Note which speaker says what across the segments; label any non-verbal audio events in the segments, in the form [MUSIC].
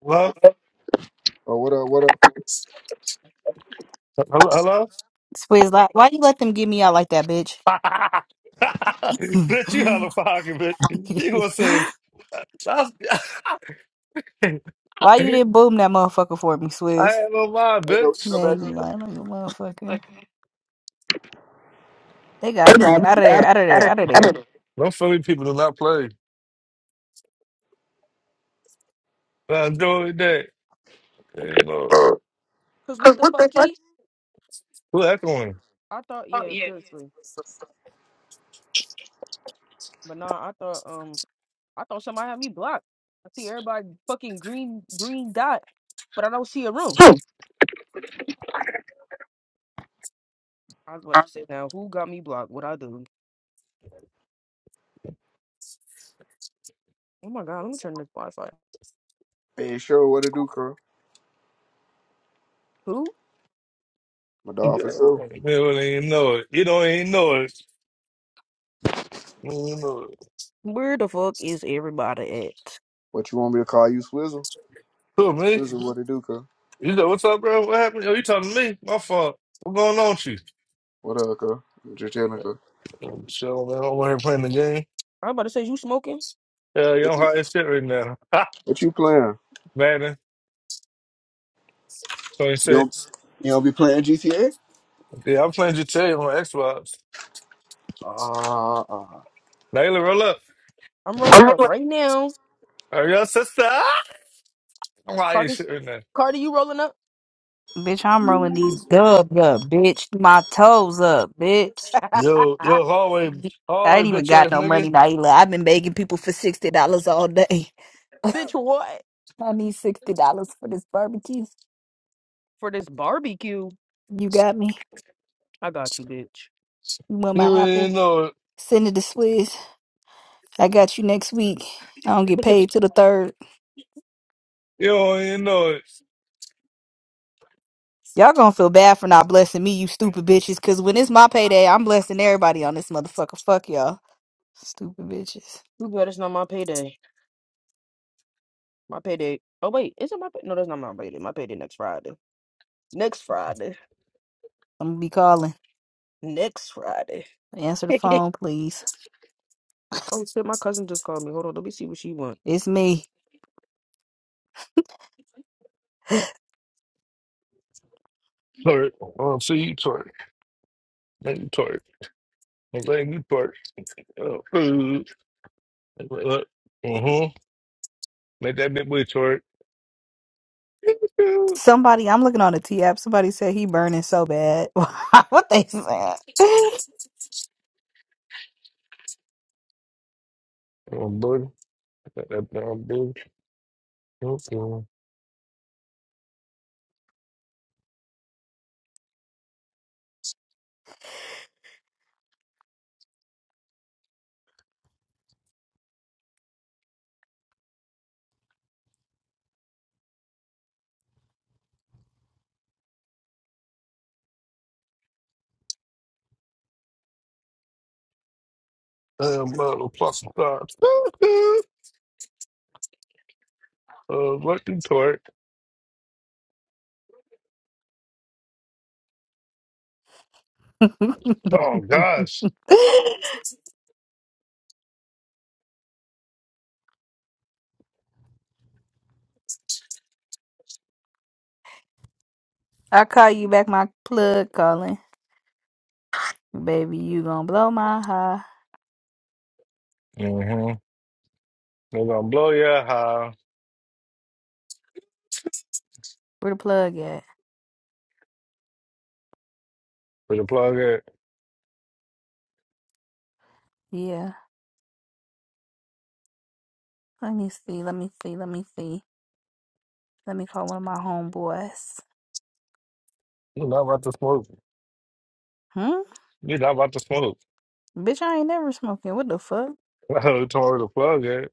Speaker 1: Hello? Hello?
Speaker 2: Swizz, like, why you let them get me out like that, bitch?
Speaker 1: Hello? [LAUGHS] Bitch, you out of
Speaker 2: [LAUGHS]
Speaker 1: pocket, bitch. You gonna say, I, [LAUGHS] I
Speaker 2: why you didn't boom that motherfucker for me, Swizz?
Speaker 1: ain't no mind, bitch.
Speaker 2: Man, you lying like a motherfucker.
Speaker 3: Like,
Speaker 2: They got
Speaker 3: edit,
Speaker 2: me out of there,
Speaker 3: edit,
Speaker 2: out of there,
Speaker 3: edit,
Speaker 2: out of there.
Speaker 3: edit.
Speaker 1: No Philly people do not play. I enjoy that. You know,
Speaker 4: Cause what
Speaker 3: Because
Speaker 4: the
Speaker 3: what the fuck?
Speaker 4: fucky?
Speaker 1: who that one?
Speaker 4: I thought, yeah, seriously. But nah, I thought, um, I thought somebody had me blocked. I see everybody fucking green, green dot, but I don't see a room.
Speaker 3: Hmm.
Speaker 4: I was about to say now, who got me blocked? What I do? Oh my god, let me turn this Wi-Fi. Who?
Speaker 1: You don't even know it. You don't even know it. You don't even know it.
Speaker 4: Where the fuck is everybody at?
Speaker 1: Who, me? You know, what's up, bro? What happened? Oh, you talking to me? My fault. What's going on with you? Oh, Shit, man. I'm over here playing the game.
Speaker 4: I'm about to say, you smoking?
Speaker 1: Yeah, you don't hide your shit right now. [LAUGHS] Ha! Madden 26. Yeah, I'm playing GTA on Xbox. Naila, roll up.
Speaker 4: I'm rolling up right now.
Speaker 1: Are your sister? I'm out here
Speaker 4: Cardi,
Speaker 1: shit right now.
Speaker 4: Cardi, you rolling up?
Speaker 2: Bitch, I'm rolling these dubs up, bitch. My toes up, bitch.
Speaker 4: [LAUGHS]
Speaker 1: Yo, yo, hallway,
Speaker 2: I
Speaker 1: hallway,
Speaker 2: ain't even
Speaker 1: bitch
Speaker 2: got
Speaker 1: ass
Speaker 2: no
Speaker 1: nigga.
Speaker 2: money, Naila. I've been begging people for $60 all day.
Speaker 4: bitch, what?
Speaker 2: I need $60 for this barbecue.
Speaker 4: For this barbecue?
Speaker 2: You got me?
Speaker 4: I got you, bitch.
Speaker 2: You want
Speaker 1: You
Speaker 2: my
Speaker 1: ain't
Speaker 2: apple?
Speaker 1: even know it.
Speaker 2: Send it to Swizz. I got you next week. I don't get
Speaker 4: [LAUGHS]
Speaker 2: paid till the third.
Speaker 1: You don't even know it.
Speaker 2: Y'all gonna feel bad for not blessing me, you stupid bitches. Cause when it's my payday, I'm blessing everybody on this motherfucker. Fuck y'all, stupid bitches.
Speaker 4: you bet it's not my payday. My payday. Oh wait, is it my pay? No, that's not my payday. My payday next Friday. Next Friday.
Speaker 2: I'm gonna be calling.
Speaker 4: Next Friday.
Speaker 2: Answer
Speaker 4: [LAUGHS]
Speaker 2: the
Speaker 4: oh
Speaker 2: phone, please.
Speaker 4: shit, my cousin just called me. Hold on, let me see what she wants.
Speaker 2: It's me. [GASPS]
Speaker 1: Twerk. I want to see you twerk. Make you twerk. I'm letting you twerk. Oh, ooh. Look. Mm-hmm. Make that big boy twerk. Ooh.
Speaker 2: Somebody, I'm looking on the T app. Somebody said he burning so bad. [LAUGHS] what they saying?
Speaker 1: Oh, buddy. Make that damn booty. Okay. Damn, little plus stars. [LAUGHS] Uh, let you twerk. Oh, gosh.
Speaker 2: [LAUGHS] I call you back, my plug calling. Baby, you gonna blow my high.
Speaker 1: Mm-hmm. We're gonna blow your high
Speaker 2: Where the plug at?
Speaker 1: with the plug in.
Speaker 2: Yeah. Let me see. Let me see. Let me see. Let me call one of my homeboys.
Speaker 1: You're not about to smoke.
Speaker 2: Hmm?
Speaker 1: You're not about to smoke.
Speaker 2: Bitch, I ain't never smoking. What the fuck?
Speaker 1: [LAUGHS] I told her to plug it.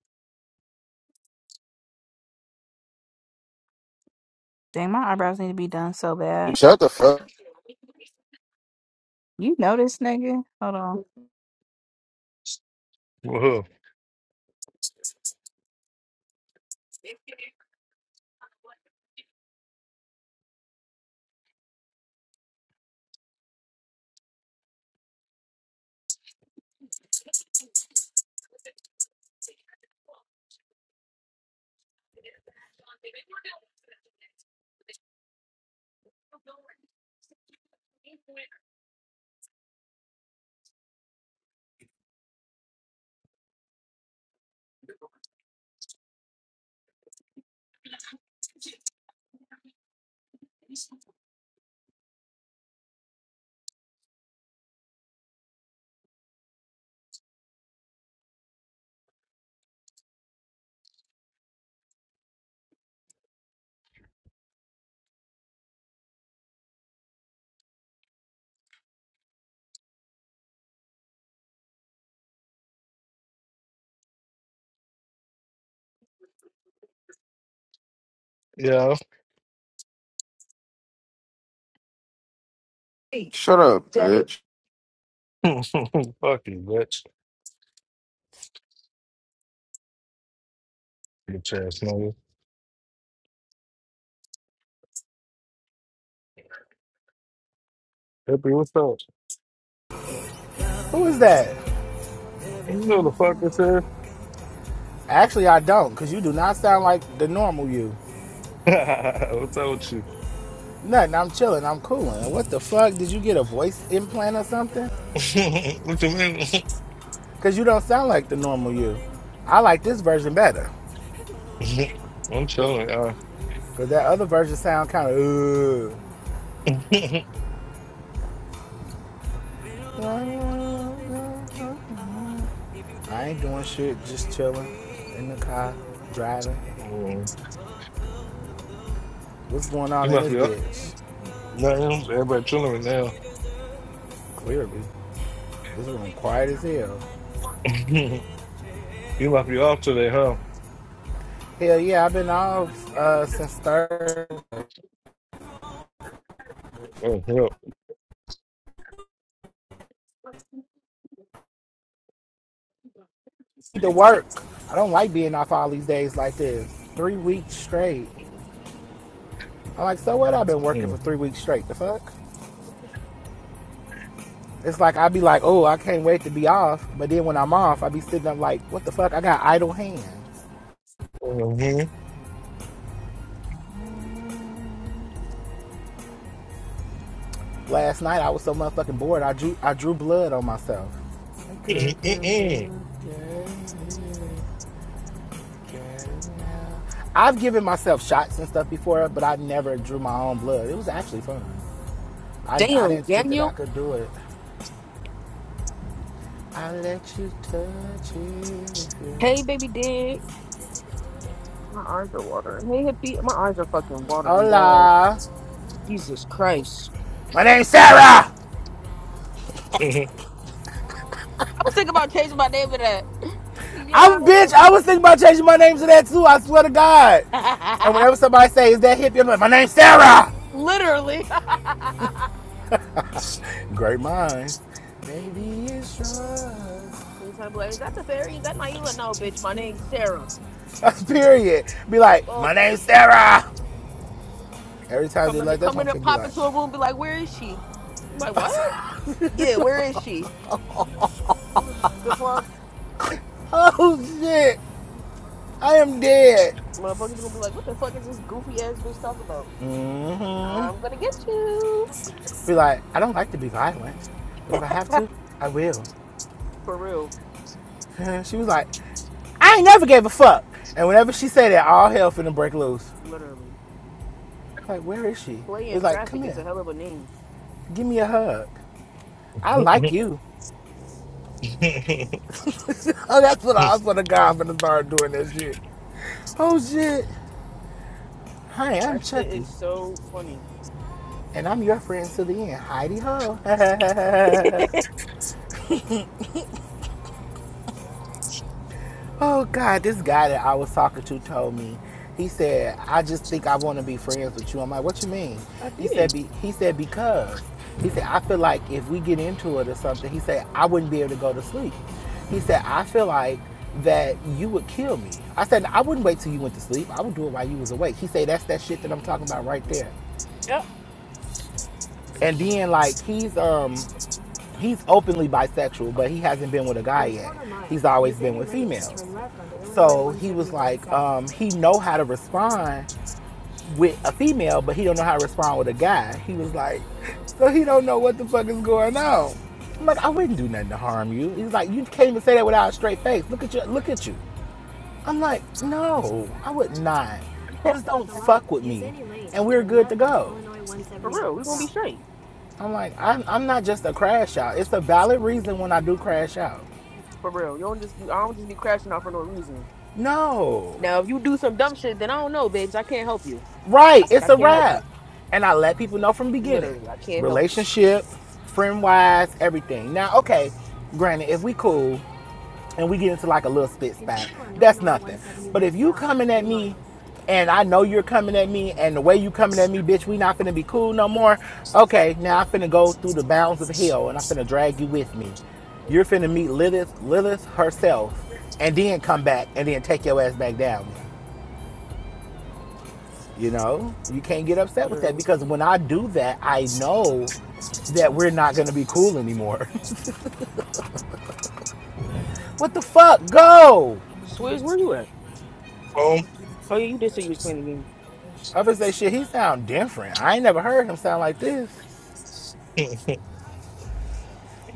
Speaker 2: Dang, my eyebrows need to be done so bad.
Speaker 5: Shut the fuck.
Speaker 2: You know this nigga. Hold on.
Speaker 1: Woohoo. Yeah.
Speaker 5: Shut up, bitch.
Speaker 1: [LAUGHS] fuck you, bitch. Bitch ass nigga. Hippie, what's up?
Speaker 6: Who is that?
Speaker 1: You know the fuck this is.
Speaker 6: Actually, I don't, because you do not sound like the normal you.
Speaker 1: [LAUGHS] what's up with you?
Speaker 6: Nothing, I'm chilling, I'm cooling. What the fuck? Did you get a voice implant or something?
Speaker 1: [LAUGHS] what you
Speaker 6: Because you don't sound like the normal you. I like this version better,
Speaker 1: mean? [LAUGHS] I'm
Speaker 6: because
Speaker 1: chilling, y'all.
Speaker 6: that other version sound kind of,
Speaker 1: [LAUGHS]
Speaker 6: I ain't doing shit, just chilling in the car, driving.
Speaker 1: Mm,
Speaker 6: What's going
Speaker 1: you
Speaker 6: on in
Speaker 1: must
Speaker 6: this
Speaker 1: be up.
Speaker 6: bitch?
Speaker 1: No, everybody chilling right now.
Speaker 6: Clearly, this room quiet as hell.
Speaker 1: [LAUGHS] you must be off today, huh?
Speaker 6: Hell yeah, I've been off uh, since Thursday.
Speaker 1: Oh, yeah.
Speaker 6: need to work. I don't like being off all these days like this. Three weeks straight. I'm like, so what? I've been working for three weeks straight. The fuck? It's like I'd be like, oh, I can't wait to be off. But then when I'm off, I'd be sitting up like, what the fuck? I got idle hands.
Speaker 1: Mm.
Speaker 6: Last night I was so motherfucking bored. I drew I drew blood on myself.
Speaker 1: Mhm. [LAUGHS]
Speaker 6: I've given myself shots and stuff before, but I never drew my own blood. It was actually fun. I, I
Speaker 4: Damn,
Speaker 6: didn't think that I
Speaker 4: Daniel.
Speaker 6: could do it. I'll let you touch it
Speaker 4: Hey, baby dick. My eyes are watering. Hey, hippie. My eyes are fucking watering, dad.
Speaker 6: Hola.
Speaker 4: Jesus Christ.
Speaker 6: My name's Sarah.
Speaker 1: [LAUGHS] um,
Speaker 4: I was thinking about changing my name to that. [LAUGHS]
Speaker 6: I'm
Speaker 4: Yo.
Speaker 6: bitch. I was thinking about changing my name to that too. I swear to God. And
Speaker 4: [LAUGHS]
Speaker 6: whenever somebody says "Is that hippie?" I'm like, "My name's Sarah."
Speaker 4: Literally.
Speaker 6: Great minds. Maybe it's yours.
Speaker 4: [LAUGHS] Anytime, like, is that the fairy? Is that Naila? No, bitch. My name's Sarah.
Speaker 6: [LAUGHS] Period. Be
Speaker 4: The
Speaker 6: like,
Speaker 4: fuck.
Speaker 6: "My name's Sarah." Every time they
Speaker 4: Coming to
Speaker 6: like, that's
Speaker 4: coming
Speaker 6: what
Speaker 4: to
Speaker 6: I'm finna be
Speaker 4: pop
Speaker 6: like.
Speaker 4: into a room, be like, "Where is she?" I'm like, "What? Yeah, where is she?" The fuck,
Speaker 6: Oh shit! I am dead.
Speaker 4: motherfuckers gonna be like, "What the fuck is this goofy ass bitch talking about?"
Speaker 6: hmm
Speaker 4: I'm gonna get you
Speaker 6: Be like, I don't like to be violent, but if I have
Speaker 4: [LAUGHS]
Speaker 6: to, I will.
Speaker 4: for real,
Speaker 6: [LAUGHS] She was like, I ain't never gave a fuck. And whenever she said that, all hell finna break loose.
Speaker 4: literally.
Speaker 6: Like, where is she?
Speaker 4: Playing
Speaker 6: It's like, come
Speaker 4: traffic is a
Speaker 6: here,
Speaker 4: hell of a name.
Speaker 6: give me a hug. I like you. [LAUGHS] oh, that's what I was for the guy finna start doing that shit. Oh shit. Hi, I'm
Speaker 4: That shit
Speaker 6: Chucky.
Speaker 4: is so funny.
Speaker 6: And I'm your friend to the end, Heidi Ho.
Speaker 4: [LAUGHS]
Speaker 6: [LAUGHS]
Speaker 4: I
Speaker 6: Oh God, this guy that I was talking to told me. He said, "I just think I want to be friends with you." I'm like, "What you mean?" He said,
Speaker 4: did.
Speaker 6: be, "He said because he said I feel like if we get into it or something, he said I wouldn't be able to go to sleep." He said, "I feel like that you would kill me." I said, "I wouldn't wait till you went to sleep. I would do it while you was awake." He said, "That's that shit that I'm talking about right there."
Speaker 4: Yep.
Speaker 6: And then like he's um he's openly bisexual, but he hasn't been with a guy yet. He's always been with females. So he was like, um, he know how to respond with a female, but he don't know how to respond with a guy. He was like, [LAUGHS] so he don't know what the fuck is going on. I'm like, I wouldn't do nothing to harm you. He's like, you can't even say that without a straight face. Look at you, look at you. I'm like, no, I would not.
Speaker 4: [LAUGHS]
Speaker 6: Just don't fuck with me, and we're good to go.
Speaker 4: For real, we gonna be straight.
Speaker 6: I'm like, I'm, I'm not just a crash out. It's a valid reason when I do crash out.
Speaker 4: For real, you don't just be, I don't just be crashing out for no reason.
Speaker 6: No.
Speaker 4: Now, if you do some dumb shit, then I don't know, babes. I can't help you.
Speaker 6: Right,
Speaker 4: I,
Speaker 6: it's
Speaker 4: I
Speaker 6: a
Speaker 4: can't help
Speaker 6: wrap.
Speaker 4: you.
Speaker 6: And I let people know from the beginning.
Speaker 4: Literally, I can't help you.
Speaker 6: Relationship, friend wise, everything. Now, okay, granted, if we cool, and we get into like a little spit spat. That's nothing. But if you coming at me and I know you're coming at me and the way you coming at me, bitch, we not finna be cool no more. Okay, now I'm finna go through the bounds of hell and I'm finna drag you with me. You're finna meet Lilith Lilith herself and then come back and then take your ass back down. You know? You can't get upset with that
Speaker 4: Literally.
Speaker 6: because when I do that, I know that we're not gonna be cool anymore. [LAUGHS] what the fuck? Go!
Speaker 4: Swizz, where you at?
Speaker 1: what's
Speaker 4: Oh yeah, you did say you was playing the game.
Speaker 6: I would say shit, he sound different. I ain't never heard him sound like this.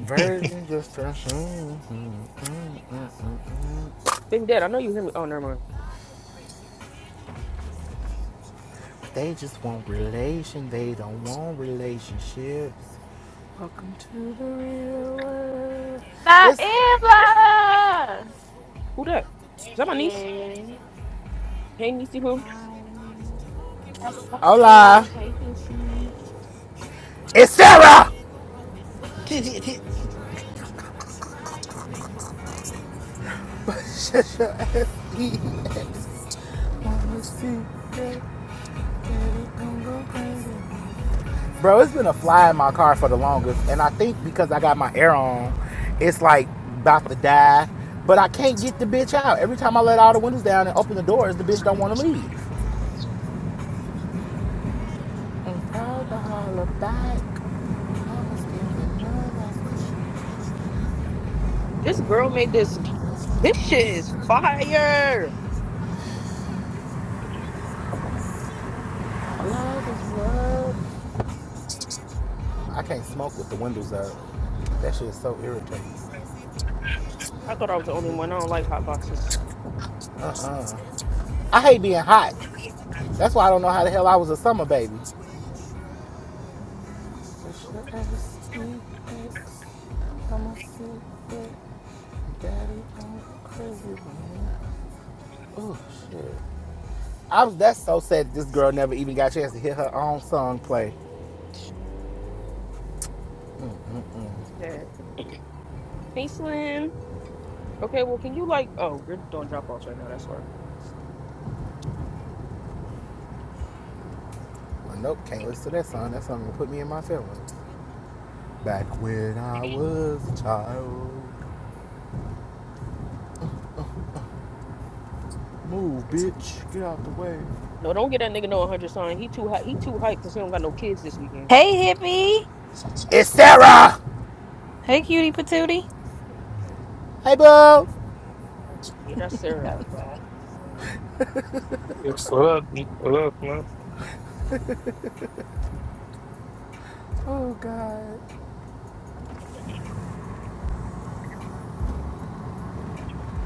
Speaker 6: Virgin just assume
Speaker 4: Baby dad, I know you hear me. Oh, never mind.
Speaker 6: they just want relation. They don't want relationships. Welcome to the real world. It's
Speaker 4: Who that? Is that my niece? Hey, niecey, who?
Speaker 6: hola. It's Sarah.
Speaker 4: [LAUGHS]
Speaker 6: [LAUGHS] Shut your ass. Wanna see that? It gon' go crazy. Bro, it's been a fly in my car for the longest, and I think because I got my air on, it's like about to die. But I can't get the bitch out. Every time I let all the windows down and open the doors, the bitch don't want to leave. Alcohol back.
Speaker 4: This girl made this. This shit is fire.
Speaker 6: I can't smoke with the windows up. That shit is so irritating.
Speaker 4: I thought I was the only one. I don't like hot boxes.
Speaker 6: Uh, I hate being hot. That's why I don't know how the hell I was a summer baby. Daddy, I'm crazy, man. Oh shit. I was that's so sad this girl never even got a chance to hear her own song play.
Speaker 4: Sad. Hey, Slim. Okay, well, can you like? Oh, you're doing drop offs right now. That's why.
Speaker 6: Well, nope, can't listen to that song. That song will put me in my feelings. Back when I was a child. Move, bitch. Get out the way.
Speaker 4: No, don't get that nigga no 100 sign. He too hot. He too hype because he don't got no kids this weekend.
Speaker 2: Hey, hippie.
Speaker 6: It's Sarah!
Speaker 2: Hey, cutie patootie.
Speaker 6: Hey boo!
Speaker 4: Yeah, that's Sarah.
Speaker 2: Oh, God.
Speaker 1: up? What up, man?
Speaker 6: Oh God.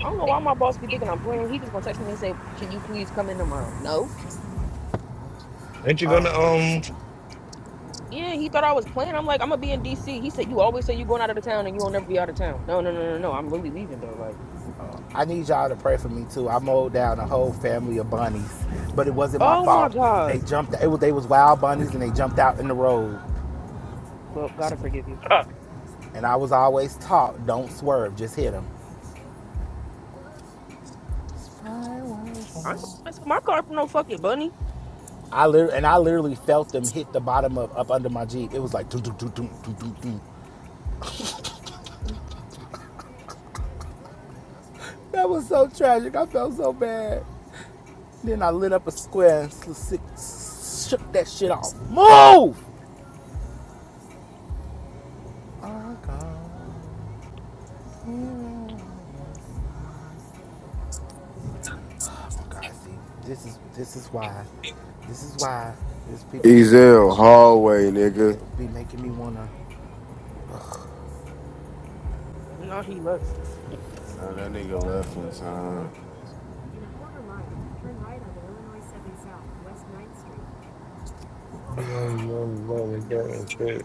Speaker 4: I don't know why my boss be thinking I'm playing. He just gonna text me and say, "Can you please come in tomorrow?" No,
Speaker 1: Ain't you gonna
Speaker 6: Oh.
Speaker 1: um?
Speaker 4: Yeah, he thought I was playing. I'm like, I'm gonna be in DC. He said, You always say you're going out of the town and you will not never be out of town. No, no, no, no, no. I'm really leaving though. Like,
Speaker 6: I need y'all to pray for me too. I mowed down a whole family of bunnies. But it wasn't my
Speaker 4: oh my
Speaker 6: fault. They
Speaker 4: God.
Speaker 6: jumped it was they was wild bunnies and they jumped out in the road.
Speaker 4: Well, gotta forgive you.
Speaker 1: Ah.
Speaker 6: And I was always taught, don't swerve, just hit them. I will
Speaker 4: I ain't gonna
Speaker 6: fall.
Speaker 4: mess up my car for no fucking bunny.
Speaker 6: I literally, and I literally felt them hit the bottom of up under my Jeep. It was like doo doo doo doo doo doo doo. That was so tragic. I felt so bad. Then I lit up a square and si- shook that shit off. Move! Oh God. Oh God, see, this is this is why, this is why these people make me wanna
Speaker 5: Ezel hallway, nigga.
Speaker 6: be making me wanna.
Speaker 4: No, he left.
Speaker 5: Oh, that nigga left in time.
Speaker 1: No, no, no, I got in trouble.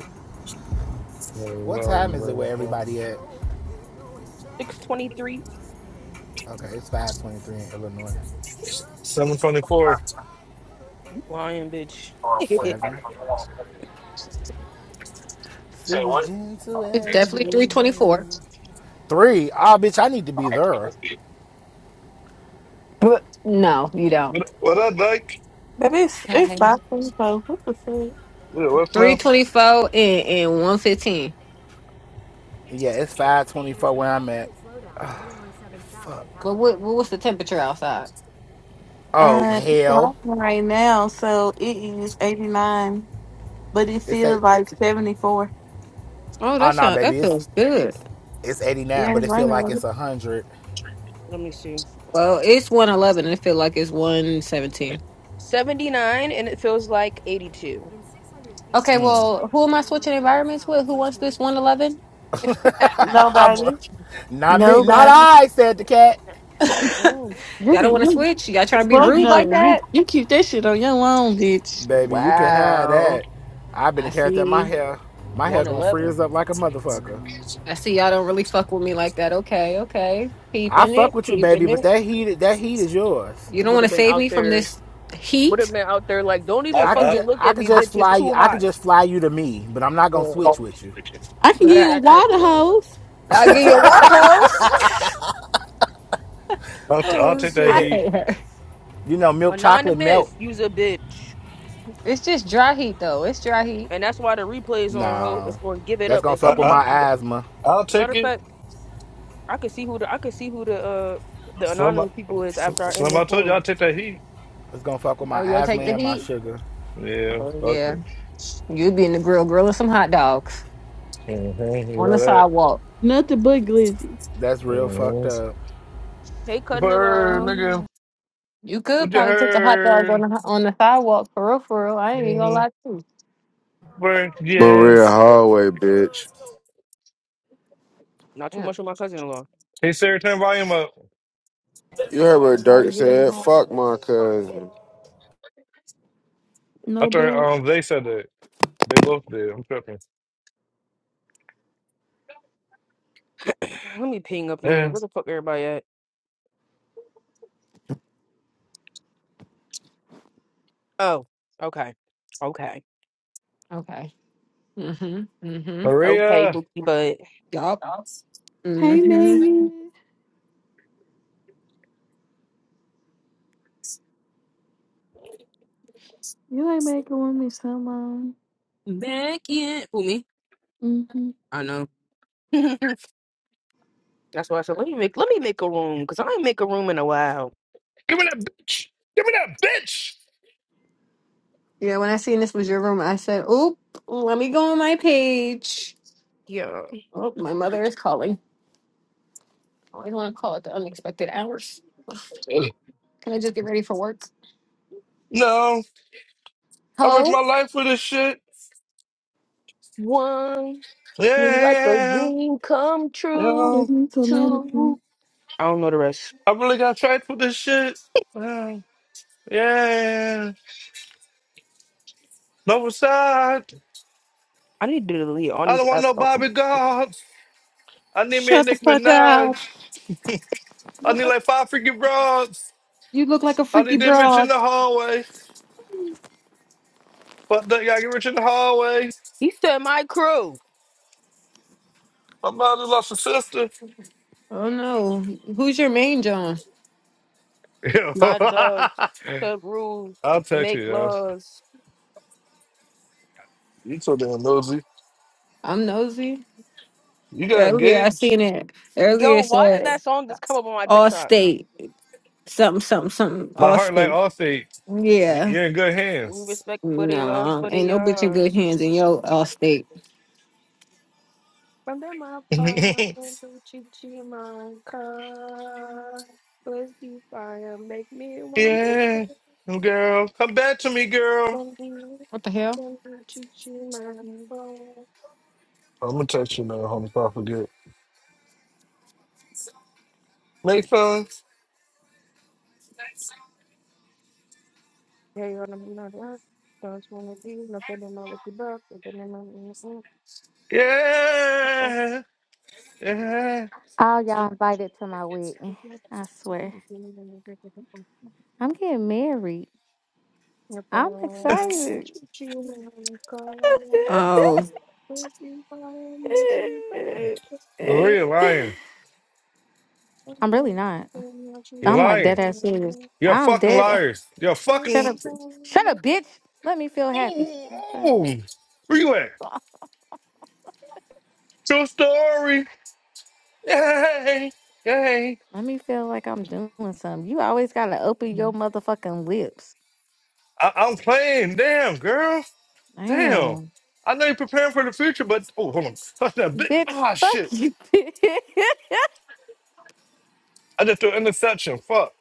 Speaker 6: What
Speaker 1: No,
Speaker 6: time is it
Speaker 1: no,
Speaker 6: where
Speaker 1: no.
Speaker 6: everybody at?
Speaker 4: 623.
Speaker 6: Okay, it's 5:23 in Illinois.
Speaker 1: Seven twenty-four.
Speaker 4: Lying bitch. [LAUGHS]
Speaker 6: Seven. Still as gentle
Speaker 7: It's
Speaker 6: as a
Speaker 7: definitely 324.
Speaker 6: bluebird. Three? Ah, bitch, I need to be there.
Speaker 7: But no, you don't.
Speaker 1: What what up, Dyke?
Speaker 8: Baby, it's, it's
Speaker 7: Okay.
Speaker 8: five twenty four. What the fuck?
Speaker 1: What What's up?
Speaker 7: 324 and, and 115.
Speaker 6: Yeah, it's 524 where I'm at. Oh, fuck.
Speaker 7: But what, what what's the temperature outside?
Speaker 6: Oh,
Speaker 8: Uh, it's
Speaker 6: hell.
Speaker 8: raining right now, so it is eighty nine, but it
Speaker 6: It's eight.
Speaker 8: feels like seventy four.
Speaker 7: Oh,
Speaker 6: Oh,
Speaker 7: that
Speaker 6: no,
Speaker 7: sound that
Speaker 6: baby. It's
Speaker 7: feels good.
Speaker 6: it's 89,
Speaker 8: Yeah,
Speaker 6: but
Speaker 8: it's
Speaker 6: it feel like it's
Speaker 8: raining.
Speaker 6: 100.
Speaker 4: Let me see.
Speaker 7: Well, it's 111 and it feel like it's 117.
Speaker 4: 79 and it feels like 82.
Speaker 7: Okay, well, who am I switching environments with? Who wants this 111?
Speaker 6: [LAUGHS]
Speaker 8: Nobody,
Speaker 6: not me. Not
Speaker 8: nobody.
Speaker 6: I, said the cat.
Speaker 7: [LAUGHS]
Speaker 8: You,
Speaker 7: Y'all don't want to
Speaker 8: you,
Speaker 7: switch? Y'all trying to be
Speaker 8: fuck
Speaker 7: rude
Speaker 8: no.
Speaker 7: like
Speaker 8: You,
Speaker 7: that?
Speaker 8: you keep that shit on your own, bitch.
Speaker 6: Baby, you can have
Speaker 7: Wow.
Speaker 6: that. I've been
Speaker 7: I
Speaker 6: the character. My
Speaker 7: see.
Speaker 6: hair, my hair gonna
Speaker 4: 111.
Speaker 6: freeze up like a motherfucker.
Speaker 7: I see y'all don't really fuck with me like that. Okay, okay.
Speaker 6: I
Speaker 7: Peeping
Speaker 6: fuck
Speaker 7: it,
Speaker 6: with you, baby,
Speaker 7: peeping it.
Speaker 6: but that heat, that heat is yours.
Speaker 4: [LAUGHS]
Speaker 7: You don't
Speaker 4: Would
Speaker 7: want
Speaker 4: have
Speaker 7: to
Speaker 4: been
Speaker 7: save
Speaker 4: out
Speaker 7: me from
Speaker 4: there.
Speaker 7: this
Speaker 4: Would
Speaker 7: heat?
Speaker 4: have been out there like, don't even
Speaker 1: I
Speaker 6: I could
Speaker 1: I
Speaker 4: fucking
Speaker 6: just,
Speaker 4: look
Speaker 6: I
Speaker 4: at
Speaker 6: could
Speaker 4: me,
Speaker 6: just
Speaker 4: bitch. It's
Speaker 6: fly you.
Speaker 4: too
Speaker 6: I could
Speaker 4: hot.
Speaker 6: just fly you to me, but I'm not gonna
Speaker 7: Look,
Speaker 6: switch with you.
Speaker 8: I can
Speaker 7: look
Speaker 8: give
Speaker 4: That's
Speaker 7: I,
Speaker 8: you a
Speaker 4: that type
Speaker 8: water
Speaker 4: of weather.
Speaker 8: hose.
Speaker 7: I'll
Speaker 4: That's
Speaker 7: give you
Speaker 1: I
Speaker 7: a
Speaker 4: that type
Speaker 7: water
Speaker 4: of weather.
Speaker 7: hose.
Speaker 1: I'll, I'll
Speaker 6: Oh
Speaker 1: take
Speaker 7: [LAUGHS]
Speaker 1: that
Speaker 7: I
Speaker 6: shit.
Speaker 1: heat.
Speaker 7: hate her.
Speaker 6: You know, milk chocolate melt.
Speaker 4: Anonymous, you's a bitch.
Speaker 7: It's just dry heat, though. It's dry heat.
Speaker 4: And that's why the replays on ho
Speaker 6: Nah.
Speaker 4: It's gonna give it
Speaker 6: That's
Speaker 4: up
Speaker 6: gonna
Speaker 4: as
Speaker 1: I
Speaker 6: fuck
Speaker 4: soon
Speaker 6: with
Speaker 4: as
Speaker 1: I
Speaker 6: my
Speaker 4: you
Speaker 6: asthma.
Speaker 1: I'll
Speaker 4: matter
Speaker 1: take
Speaker 4: of
Speaker 1: it.
Speaker 4: fact, I could see who the I could see who the uh the
Speaker 1: Some
Speaker 4: anonymous people is
Speaker 1: some,
Speaker 4: after I end
Speaker 1: some
Speaker 4: this
Speaker 1: I told you
Speaker 4: room.
Speaker 1: I'll take that heat.
Speaker 6: It's gonna fuck with my
Speaker 7: Oh, you'll
Speaker 6: asthma
Speaker 7: take the
Speaker 6: and my
Speaker 7: heat?
Speaker 6: sugar.
Speaker 1: Yeah,
Speaker 7: Oh,
Speaker 1: fuck
Speaker 7: yeah.
Speaker 1: it.
Speaker 7: You'd be in the grill grilling some hot dogs
Speaker 1: hmm You
Speaker 7: on the
Speaker 1: know that.
Speaker 7: sidewalk.
Speaker 8: Nothing but glizzy.
Speaker 6: That's real fucked
Speaker 1: hmm
Speaker 6: up.
Speaker 4: Hey cousin in
Speaker 1: Word,
Speaker 4: law.
Speaker 1: nigga.
Speaker 7: You could
Speaker 1: What you
Speaker 7: probably put the hot dog on
Speaker 1: heard?
Speaker 7: the, on the sidewalk for real, for real. I ain't even gonna
Speaker 1: Mhm.
Speaker 7: lie to you.
Speaker 1: Work,
Speaker 5: Maria
Speaker 1: yes.
Speaker 5: hallway, bitch.
Speaker 4: Not too
Speaker 7: Yeah.
Speaker 4: much of my cousin in law.
Speaker 1: Hey, Sarah, turn volume up.
Speaker 5: You heard what
Speaker 7: Everybody
Speaker 5: Dirk
Speaker 7: getting the
Speaker 5: said?
Speaker 7: hot
Speaker 5: Fuck
Speaker 7: dog.
Speaker 5: my cousin.
Speaker 1: I
Speaker 8: No
Speaker 1: thought
Speaker 8: belt.
Speaker 1: um, they said that. They both did. I'm tripping.
Speaker 4: [CLEARS THROAT] Let me ping up in here.
Speaker 1: Yeah.
Speaker 4: Where the fuck everybody at? Oh, okay. Okay.
Speaker 7: Okay. Mm-hmm. Mm-hmm.
Speaker 4: Okay,
Speaker 1: Maria.
Speaker 4: Bookie Bud.
Speaker 7: Yup.
Speaker 8: Hey
Speaker 7: Mm-hmm.
Speaker 8: Megan, you ain't making with me someone.
Speaker 4: Back in who me?
Speaker 8: Mm-hmm.
Speaker 4: I know. [LAUGHS] That's why I said let me make let me make a room because I ain't make a room in a while.
Speaker 7: Yeah, when I seen this was your room, I said, oop, let me go on my page.
Speaker 4: Yeah.
Speaker 7: Oh, my mother is calling. I always want to call at the unexpected hours. Can I just get ready for work?
Speaker 1: No, I risked my
Speaker 7: Hello?
Speaker 1: life for this shit.
Speaker 4: one. You let the
Speaker 1: Yeah,
Speaker 4: dream come
Speaker 8: I'm gonna
Speaker 4: true.
Speaker 1: yeah.
Speaker 8: take me to America.
Speaker 4: Too. I don't know the rest.
Speaker 1: I really got tried for this shit. Yeah. yeah. No side.
Speaker 4: I need to delete all
Speaker 1: I
Speaker 4: these
Speaker 1: don't want
Speaker 4: apps.
Speaker 1: no
Speaker 4: off.
Speaker 1: Bobby Gods. I need me a
Speaker 7: Shut the
Speaker 1: Nick
Speaker 7: fuck up.
Speaker 1: Minaj. I need like five freaking broads.
Speaker 7: You look like a
Speaker 1: I
Speaker 7: freaky
Speaker 1: need them rich in
Speaker 7: broad.
Speaker 1: the hallway. Fuck that, y'all get rich in the hallway.
Speaker 4: He said, "My crew,
Speaker 1: My Somebody lost a sister.
Speaker 7: Oh no. Who's your main John?
Speaker 4: my
Speaker 1: [LAUGHS]
Speaker 4: dogs, sub rules,
Speaker 1: I'll text
Speaker 4: make
Speaker 1: you, yo.
Speaker 4: laws."
Speaker 1: You so damn nosy.
Speaker 7: I'm nosy.
Speaker 1: You got
Speaker 7: Earlier I
Speaker 1: engaged.
Speaker 7: seen it. Earlier
Speaker 4: Yo,
Speaker 7: it
Speaker 4: why did
Speaker 7: said
Speaker 4: that song just come up on my
Speaker 7: all
Speaker 4: TikTok?
Speaker 7: state. Something something something.
Speaker 1: My
Speaker 7: All
Speaker 1: heart like
Speaker 7: state.
Speaker 1: Allstate. y-
Speaker 7: Yeah.
Speaker 1: You're in good
Speaker 4: We
Speaker 1: hands.
Speaker 4: respect for their loves,
Speaker 7: No,
Speaker 4: for their
Speaker 7: ain't no bitch in good
Speaker 4: yards.
Speaker 7: hands in your all state.
Speaker 4: From them I
Speaker 1: [LAUGHS]
Speaker 4: part, don't you cheat my car. Let's be fire, make me one more.
Speaker 1: yeah, girl. Come back to me, girl.
Speaker 4: Don't you,
Speaker 7: What the hell?
Speaker 4: don't you cheat my boy.
Speaker 1: I'm gonna text you now, homie. If I forget. Make fun.
Speaker 4: Hey, on the blood, right? Don't want to be not on the mouth of the back, but then I'm
Speaker 1: Yeah. Yeah.
Speaker 9: All y'all invited to my wedding. I swear. I'm getting married. I'm
Speaker 1: [LAUGHS]
Speaker 9: excited.
Speaker 7: Oh,
Speaker 1: Maria lying.
Speaker 9: I'm really not.
Speaker 1: You're
Speaker 9: I'm like
Speaker 1: lying.
Speaker 9: dead ass serious.
Speaker 1: You're a
Speaker 9: I'm
Speaker 1: fucking
Speaker 9: dead.
Speaker 1: liars. You're a
Speaker 9: Shut
Speaker 1: fucking.
Speaker 9: up. Shut up, bitch. Let me feel happy.
Speaker 1: Ooh,
Speaker 9: Like,
Speaker 1: ooh. Where you at? True story. Yay! Yay!
Speaker 9: Let me feel like I'm doing something. You always gotta open your motherfucking lips.
Speaker 1: I- I'm playing. Damn, girl. Damn.
Speaker 9: Damn.
Speaker 1: I know you're preparing for the future, but oh, hold on. [LAUGHS] Touch that big.
Speaker 9: Bitch,
Speaker 1: Ah,
Speaker 9: fuck
Speaker 1: shit.
Speaker 9: you, bitch. [LAUGHS]
Speaker 1: I just threw an interception. Fuck.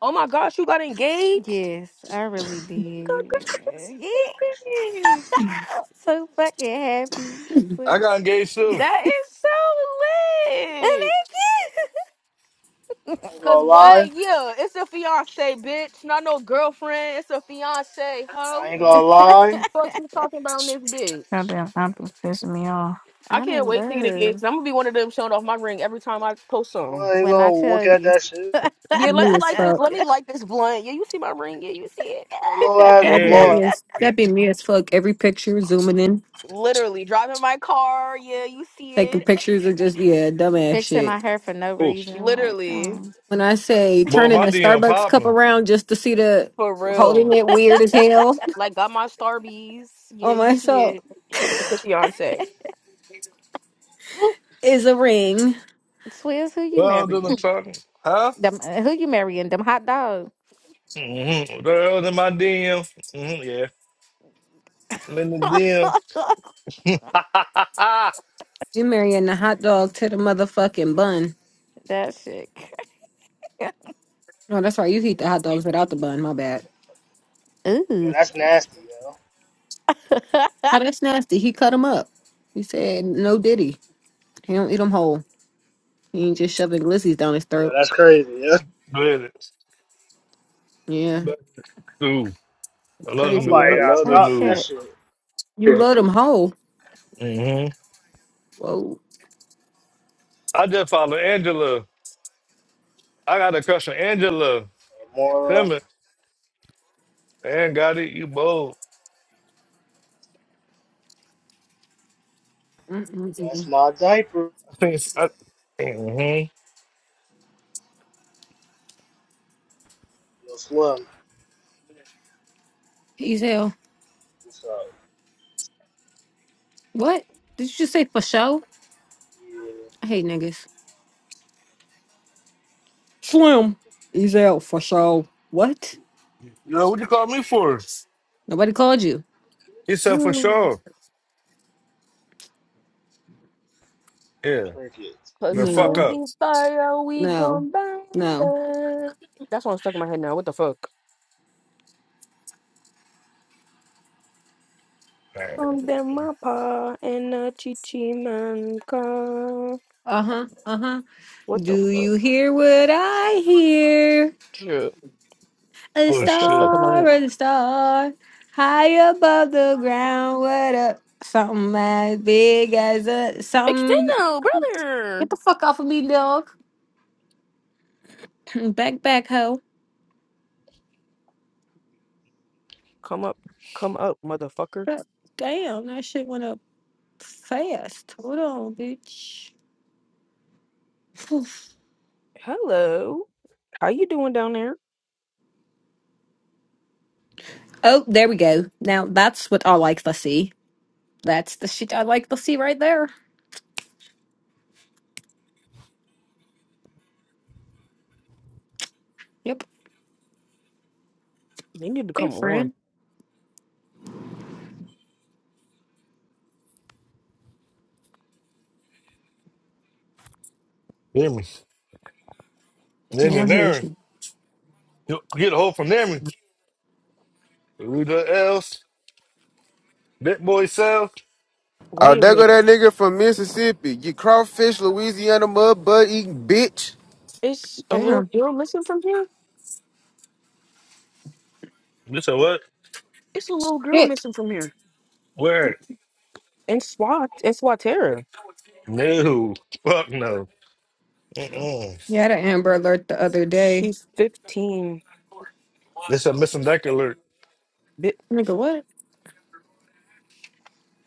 Speaker 4: Oh my gosh, you got engaged?
Speaker 9: Yes, I really did. [LAUGHS]
Speaker 4: Congratulations!
Speaker 9: I'm so fucking happy. I'm so-
Speaker 1: I got engaged too.
Speaker 4: That is so lit!
Speaker 9: Thank
Speaker 10: I ain't
Speaker 4: Cause
Speaker 10: gonna
Speaker 9: you.
Speaker 4: what?
Speaker 10: lie.
Speaker 4: Yeah, it's a fiance, bitch. Not no girlfriend. It's a fiance,
Speaker 10: I
Speaker 4: hoe.
Speaker 10: ain't gonna lie.
Speaker 4: Fuck
Speaker 9: [LAUGHS]
Speaker 4: you talking about this bitch.
Speaker 2: Goddamn, I'm pissing me off.
Speaker 4: I
Speaker 9: I'm
Speaker 4: can't
Speaker 9: in
Speaker 4: wait to get a
Speaker 9: love
Speaker 4: gift. I'm gonna be one of them showing off my ring every time I post something.
Speaker 10: Nobody ain't
Speaker 9: when I
Speaker 10: gonna
Speaker 9: tell
Speaker 10: look at
Speaker 9: you.
Speaker 10: that shit.
Speaker 9: [LAUGHS]
Speaker 4: Yeah, let
Speaker 7: me
Speaker 4: me
Speaker 7: as
Speaker 4: like this. Let
Speaker 7: fuck.
Speaker 4: me like this blunt. Yeah, you see my ring. Yeah, you see it. [LAUGHS]
Speaker 10: That little
Speaker 4: Yeah,
Speaker 10: ass
Speaker 4: yeah.
Speaker 7: That'd be
Speaker 1: Yeah.
Speaker 7: me
Speaker 10: blunt.
Speaker 7: as
Speaker 1: yeah.
Speaker 7: that'd be me as fuck. Every picture zooming in.
Speaker 4: Literally driving my car. Yeah, you see
Speaker 7: taking
Speaker 4: it.
Speaker 7: pictures of just yeah, dumbass
Speaker 9: Fixing my
Speaker 7: shit.
Speaker 9: hair for no
Speaker 1: Oh,
Speaker 9: reason, like,
Speaker 4: Literally
Speaker 9: um,
Speaker 7: When I say
Speaker 1: boy,
Speaker 7: turning
Speaker 1: my
Speaker 7: the
Speaker 1: DM
Speaker 7: Starbucks cup
Speaker 1: popping.
Speaker 7: around just to see the
Speaker 4: for
Speaker 7: holding
Speaker 4: real.
Speaker 7: it weird as hell
Speaker 4: Like got my starbies. Yeah,
Speaker 7: on
Speaker 4: you see
Speaker 7: myself
Speaker 4: it. It's a fiance.
Speaker 7: is a ring.
Speaker 9: Swizz, who you
Speaker 1: Well, doing the
Speaker 9: marrying?
Speaker 1: talking. Huh?
Speaker 9: Them, uh, who you marrying? Them hot dogs.
Speaker 1: Mm-hmm. Girls in my DM. hmm Yeah. I'm in the DM. Ah.
Speaker 7: You marrying the hot dog to the motherfucking bun.
Speaker 9: [LAUGHS] that shit. [LAUGHS]
Speaker 7: No, that's right. You eat the hot dogs without the bun. My bad.
Speaker 10: Yo,
Speaker 9: Ooh.
Speaker 10: that's nasty, yo.
Speaker 9: [LAUGHS]
Speaker 7: How that's nasty. He cut them up. He said no diddy. He don't eat them whole. He ain't just shoving glissies down his
Speaker 10: Yo,
Speaker 7: throat.
Speaker 10: that's crazy, yo.
Speaker 1: With it. [LAUGHS]
Speaker 7: Yeah,
Speaker 1: But,
Speaker 7: it's
Speaker 1: Ooh, I love the
Speaker 7: crazy,
Speaker 1: news.
Speaker 10: Somebody
Speaker 1: I
Speaker 7: right?
Speaker 10: gotta
Speaker 1: love the
Speaker 9: oh
Speaker 10: stop that
Speaker 1: news.
Speaker 9: shit.
Speaker 10: shit.
Speaker 7: You
Speaker 2: Yeah.
Speaker 7: love them whole.
Speaker 1: hmm
Speaker 7: Whoa.
Speaker 1: I just followed Angela. I got a crush on Angela. Tell
Speaker 10: Mora,
Speaker 1: me, man, got it. You bold.
Speaker 10: that's
Speaker 7: Mm-mm-mm.
Speaker 10: my diaper.
Speaker 1: I think it's, I, hmm
Speaker 10: Yo, Slim,
Speaker 7: Easy hell.
Speaker 10: what's up?
Speaker 7: What? Did you just say for show?
Speaker 10: Yeah,
Speaker 7: I hate niggas. Slim, he's out for sure. What?
Speaker 1: Yo, what you call me for?
Speaker 7: Nobody called you?
Speaker 1: He said for
Speaker 4: [SIGHS]
Speaker 1: sure. Yeah,
Speaker 10: crickets.
Speaker 1: the
Speaker 4: Cause
Speaker 1: fuck
Speaker 7: No,
Speaker 1: up.
Speaker 4: baby fire, we
Speaker 7: no,
Speaker 4: gon' burn
Speaker 7: no.
Speaker 4: them. That's what I'm stuck in my head now. What the fuck?
Speaker 1: Man.
Speaker 4: From them my and a chichi man come.
Speaker 7: Uh huh, uh huh.
Speaker 4: What the
Speaker 7: Do
Speaker 4: fuck?
Speaker 7: you hear what I hear?
Speaker 4: Shit.
Speaker 7: A
Speaker 1: Oh
Speaker 4: That's just stuck
Speaker 1: shit.
Speaker 4: in my
Speaker 7: star,
Speaker 4: head.
Speaker 7: a star, high above the ground. What up? Something as big as a something.
Speaker 4: Extendo, brother.
Speaker 7: Get the fuck off of me, dog. [CLEARS THROAT] back, back, hoe.
Speaker 4: Come up, come up, motherfucker.
Speaker 7: But Damn, that shit went up fast. Hold on, bitch. [SIGHS]
Speaker 4: Hello. How you doing down there?
Speaker 7: Oh, there we go. Now that's what I like to see. That's the shit I like to see right there. Yep.
Speaker 4: They need to
Speaker 7: Hey,
Speaker 4: come on.
Speaker 7: friend.
Speaker 1: Hear me.
Speaker 7: No one hears
Speaker 1: Engineering.
Speaker 7: me.
Speaker 1: You get a hold from them. Who the else? Big boy self.
Speaker 5: Oh,
Speaker 4: Wait a
Speaker 5: there go
Speaker 4: minute.
Speaker 5: that nigga from Mississippi. You crawfish, Louisiana mud butt eating bitch.
Speaker 4: It's a little
Speaker 7: Damn.
Speaker 4: girl missing from here.
Speaker 1: You said what?
Speaker 4: It's a little girl
Speaker 7: Shit.
Speaker 4: missing from here.
Speaker 1: Where?
Speaker 4: And SWAT, and SWAT terror.
Speaker 1: No. Fuck no. Mm-mm.
Speaker 7: You had an Amber Alert the other day.
Speaker 4: She's 15.
Speaker 1: This a missing deck alert.
Speaker 7: Nigga, what?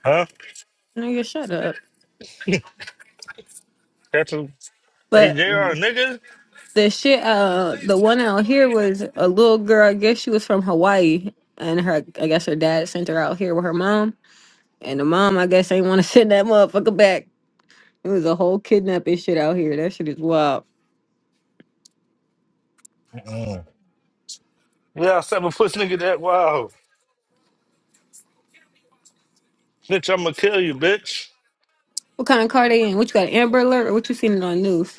Speaker 1: Huh?
Speaker 7: Nigga, shut up.
Speaker 1: That's a hey
Speaker 7: But
Speaker 1: JR nigga?
Speaker 7: the shit, uh, the one out here was a little girl. I guess she was from Hawaii, and her, I guess her dad sent her out here with her mom, and the mom, I guess, ain't want to [LAUGHS] send that motherfucker back. It was a whole kidnapping shit out here. That shit is wild.
Speaker 1: Yeah, seven foot nigga that wow. Bitch, I'ma kill you, bitch.
Speaker 7: What kind of car they in? What you got? Amber Alert? Or what you seen it on news?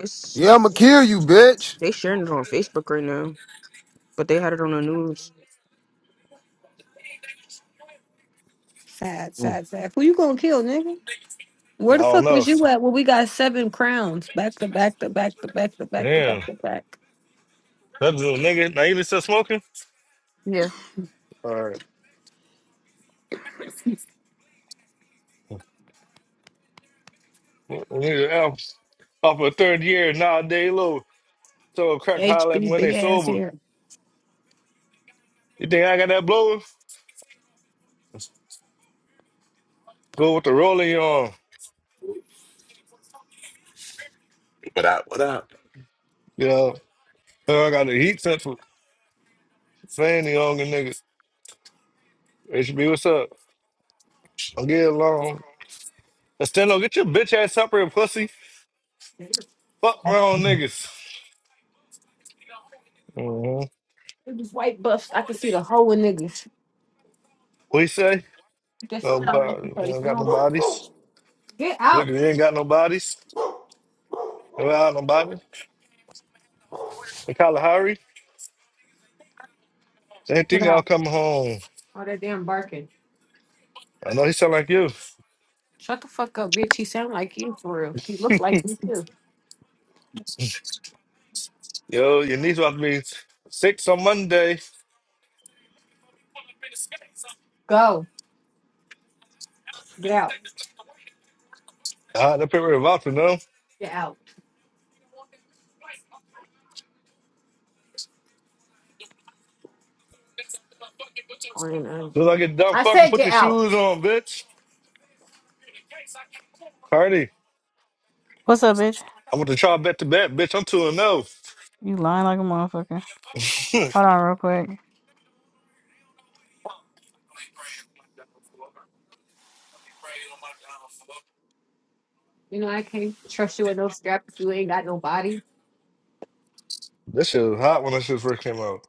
Speaker 4: It's
Speaker 5: Yeah, I'ma kill you, bitch.
Speaker 4: they sharing it on Facebook right now, but they had it on the news.
Speaker 7: Sad, sad, sad. Who you gonna kill, nigga? Where
Speaker 1: I
Speaker 7: the
Speaker 1: don't
Speaker 7: fuck was
Speaker 1: know.
Speaker 7: you at when we got seven crowns back to back to back to back to back to back
Speaker 1: Damn.
Speaker 7: to back?
Speaker 1: That little nigga, now you been still smoking?
Speaker 4: Yeah.
Speaker 1: All right. Well, Nigga, I'm off a third year, now a day low. So a crack holler at me
Speaker 7: HB
Speaker 1: when they
Speaker 7: big ass
Speaker 1: sober.
Speaker 7: hair.
Speaker 1: You think I got that blower? Go with the rolling, you on.
Speaker 11: What up? What up?
Speaker 1: Yeah. So I got the heat sensor saying the younger niggas. HB, what's up? I'll get along. Estendo, get your bitch ass up here, pussy. Fuck around niggas. Mm-hmm.
Speaker 7: It was white buffs. I could see the whole of niggas.
Speaker 1: What you say?
Speaker 7: Just all over
Speaker 1: Nobody.
Speaker 7: the
Speaker 1: You don't
Speaker 7: face.
Speaker 1: got no
Speaker 7: No.
Speaker 1: bodies.
Speaker 7: Get
Speaker 1: Look,
Speaker 7: out.
Speaker 1: we ain't got no bodies. You ain't got no bodies. In Kalahari. Same
Speaker 7: Get
Speaker 1: thing, y'all
Speaker 7: out.
Speaker 1: come home.
Speaker 7: All that damn barking.
Speaker 1: I know he sound like you.
Speaker 7: Shut the fuck up, bitch. He sound like you for real. He looked like you too.
Speaker 1: Yo, your niece about to be six on Monday.
Speaker 7: Go. Get out.
Speaker 1: Ah, had to pay her a voucher, no? As
Speaker 7: Get out. I don't know.
Speaker 1: Soon as I get done
Speaker 7: I
Speaker 1: fucking,
Speaker 7: said
Speaker 1: put
Speaker 7: get
Speaker 1: your
Speaker 7: out.
Speaker 1: shoes on, bitch. Party.
Speaker 2: What's up, bitch?
Speaker 1: I want to try bet to bet, bitch. I'm 2 and 0.
Speaker 2: You lying like a motherfucker.
Speaker 1: [LAUGHS]
Speaker 2: Hold on, real quick.
Speaker 7: You know I can't trust you with no strap if you ain't got no body.
Speaker 1: This shit was hot when this shit first came out.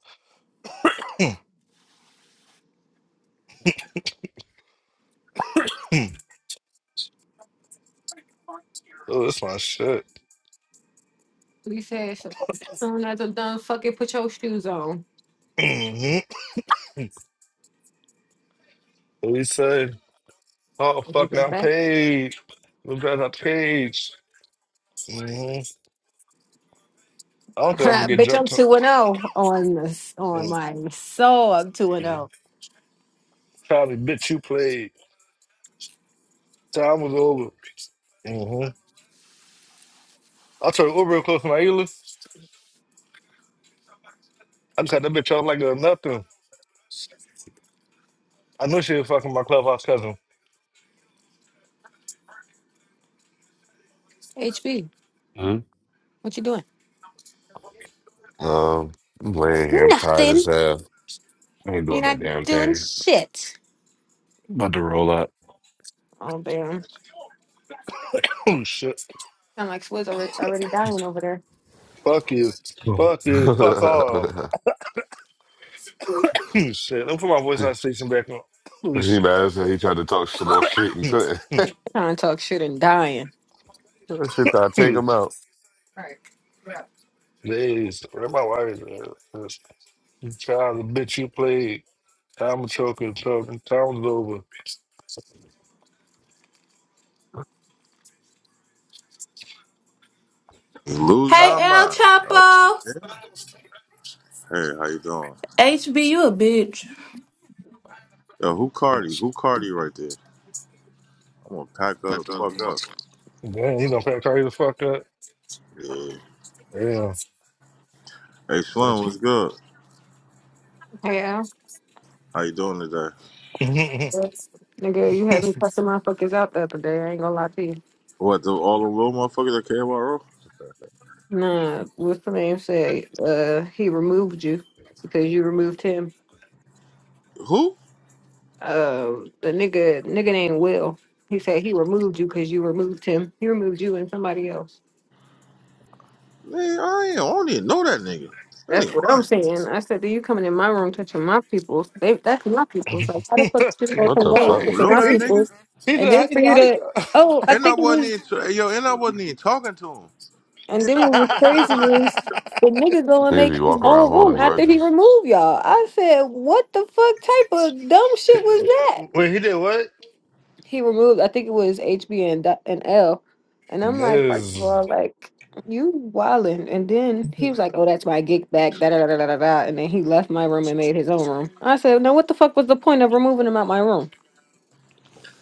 Speaker 1: Oh, that's my shit. [CLEARS THROAT]
Speaker 7: We said, "So- soon as I'm done, fuck it, put your shoes on.
Speaker 1: Mm-hmm. What he said? Oh,
Speaker 7: I'm
Speaker 1: fuck, now I'm
Speaker 7: Back.
Speaker 1: paid. Look at that page. hmm I
Speaker 7: [LAUGHS]
Speaker 1: don't think I'm gonna get
Speaker 7: Bitch, I'm
Speaker 1: jumped.
Speaker 7: 2 and 0 on this, on
Speaker 1: Mm-hmm.
Speaker 7: my soul. I'm 2 and 0.
Speaker 1: Probably bitch you played. Time was over. hmm I took Uber real close to my Ela. I just had that bitch off like a nothing. I knew she was fucking my clubhouse cousin.
Speaker 7: HB,
Speaker 11: Huh?
Speaker 7: what you doing?
Speaker 11: Um, I'm laying here. I'm tired as
Speaker 7: Nothing.
Speaker 11: hell. I ain't
Speaker 7: You're
Speaker 11: doing that
Speaker 7: not
Speaker 11: damn
Speaker 7: doing
Speaker 11: thing.
Speaker 7: shit.
Speaker 11: About to roll up.
Speaker 7: Oh, damn.
Speaker 1: [COUGHS] oh shit.
Speaker 7: I'm like, Swizz already, already dying over there.
Speaker 1: Fuck you.
Speaker 11: Oh.
Speaker 1: Fuck you. Fuck off. [COUGHS] Oh shit. Let me put my
Speaker 11: [LAUGHS]
Speaker 1: voice on station back on. [COUGHS] Oh
Speaker 11: he
Speaker 1: shit.
Speaker 11: mad as hell. He tried to talk some more shit and couldn't.
Speaker 7: Trying to talk shit and dying.
Speaker 11: That shit I take
Speaker 1: [COUGHS]
Speaker 11: him out.
Speaker 7: Right. Yeah.
Speaker 1: Jeez. Where my wife is. You child the bitch you played. Time was choking, choking. Time was over.
Speaker 12: Lose
Speaker 1: I,
Speaker 8: Hey,
Speaker 12: my
Speaker 8: El
Speaker 12: mind. Oh,
Speaker 8: Chapo.
Speaker 12: hey, how you doing? Yo, who Cardi?
Speaker 1: yes.
Speaker 12: Who Cardi right there? I'm gonna pack her the fuck up.
Speaker 1: Damn, you gonna pack her the fuck up?
Speaker 12: Yeah.
Speaker 1: Yeah.
Speaker 12: Hey, Slim, what's good?
Speaker 7: Yeah.
Speaker 12: How you doing today?
Speaker 7: Yes. Nigga, you had me cussing motherfuckers out the other day. I ain't gonna lie to you.
Speaker 12: What, the, all the little motherfuckers that came out
Speaker 7: Nah, what's the name said? Uh, he removed you because you removed him.
Speaker 12: Who?
Speaker 7: uh the nigga nigga named Will. He said he removed you because you removed him. He removed you and somebody else.
Speaker 12: Man, I ain't, I don't even know that nigga. That
Speaker 7: That's
Speaker 12: nigga
Speaker 7: what I'm
Speaker 12: lying.
Speaker 7: saying. I said, "Do you coming in my room touching my peoples? They that's my peoples. Like, how the fuck did you go
Speaker 11: What
Speaker 7: to
Speaker 11: the
Speaker 7: my
Speaker 12: I
Speaker 7: room
Speaker 11: fuck?
Speaker 12: don't
Speaker 7: touching
Speaker 1: [LAUGHS]
Speaker 12: know
Speaker 7: our
Speaker 12: that
Speaker 1: That's-
Speaker 12: nigga.
Speaker 7: peoples?"
Speaker 1: He
Speaker 7: And then
Speaker 1: did. He
Speaker 7: for
Speaker 1: did.
Speaker 7: you to, oh, I
Speaker 12: And I
Speaker 7: think it
Speaker 12: wasn't
Speaker 7: was.
Speaker 12: even, hey, yo, and I wasn't even talking to him.
Speaker 7: And
Speaker 12: Man,
Speaker 7: then what was
Speaker 12: never said
Speaker 7: crazy
Speaker 12: nothing to
Speaker 7: is
Speaker 12: each other.
Speaker 7: the nigga go and
Speaker 11: Niggas be
Speaker 7: make his
Speaker 11: walking around
Speaker 7: own room
Speaker 11: holding
Speaker 7: after he
Speaker 11: grudges.
Speaker 7: removed y'all. I said, "What the fuck type of dumb
Speaker 1: He [LAUGHS]
Speaker 7: shit was that?"
Speaker 1: Wait, he did what?
Speaker 7: he removed I think it was HB and Do- and L, and I'm like, first
Speaker 1: Miz.
Speaker 7: of all, like you wildin', and then he was like, oh, that's my gig back, da da da da da da, da," and then he left my room and made his own room. I said, now what the fuck was the point of removing him out my room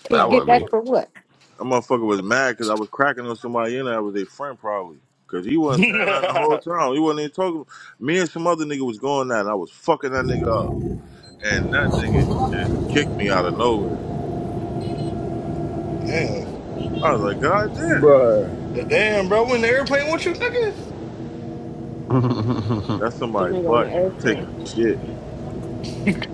Speaker 7: to
Speaker 11: That
Speaker 7: get
Speaker 1: [LAUGHS]
Speaker 11: wasn't
Speaker 7: back
Speaker 11: me.
Speaker 7: for what?
Speaker 12: That motherfucker was mad because I was cracking on somebody in there. I was their friend probably. Cause he wasn't
Speaker 1: damn.
Speaker 12: saying nothing the whole time. He wasn't even talking. Me and some other nigga was going at it. I was fucking that nigga up. And that nigga just kicked me out of nowhere. I was like, God damn.
Speaker 1: damn, bro, when the airplane with you,
Speaker 11: [LAUGHS] Motherfuckers
Speaker 12: That's
Speaker 7: The
Speaker 12: somebody
Speaker 7: nigga on the
Speaker 12: butt. They taking
Speaker 7: airplane.
Speaker 12: the shit.
Speaker 1: nigga.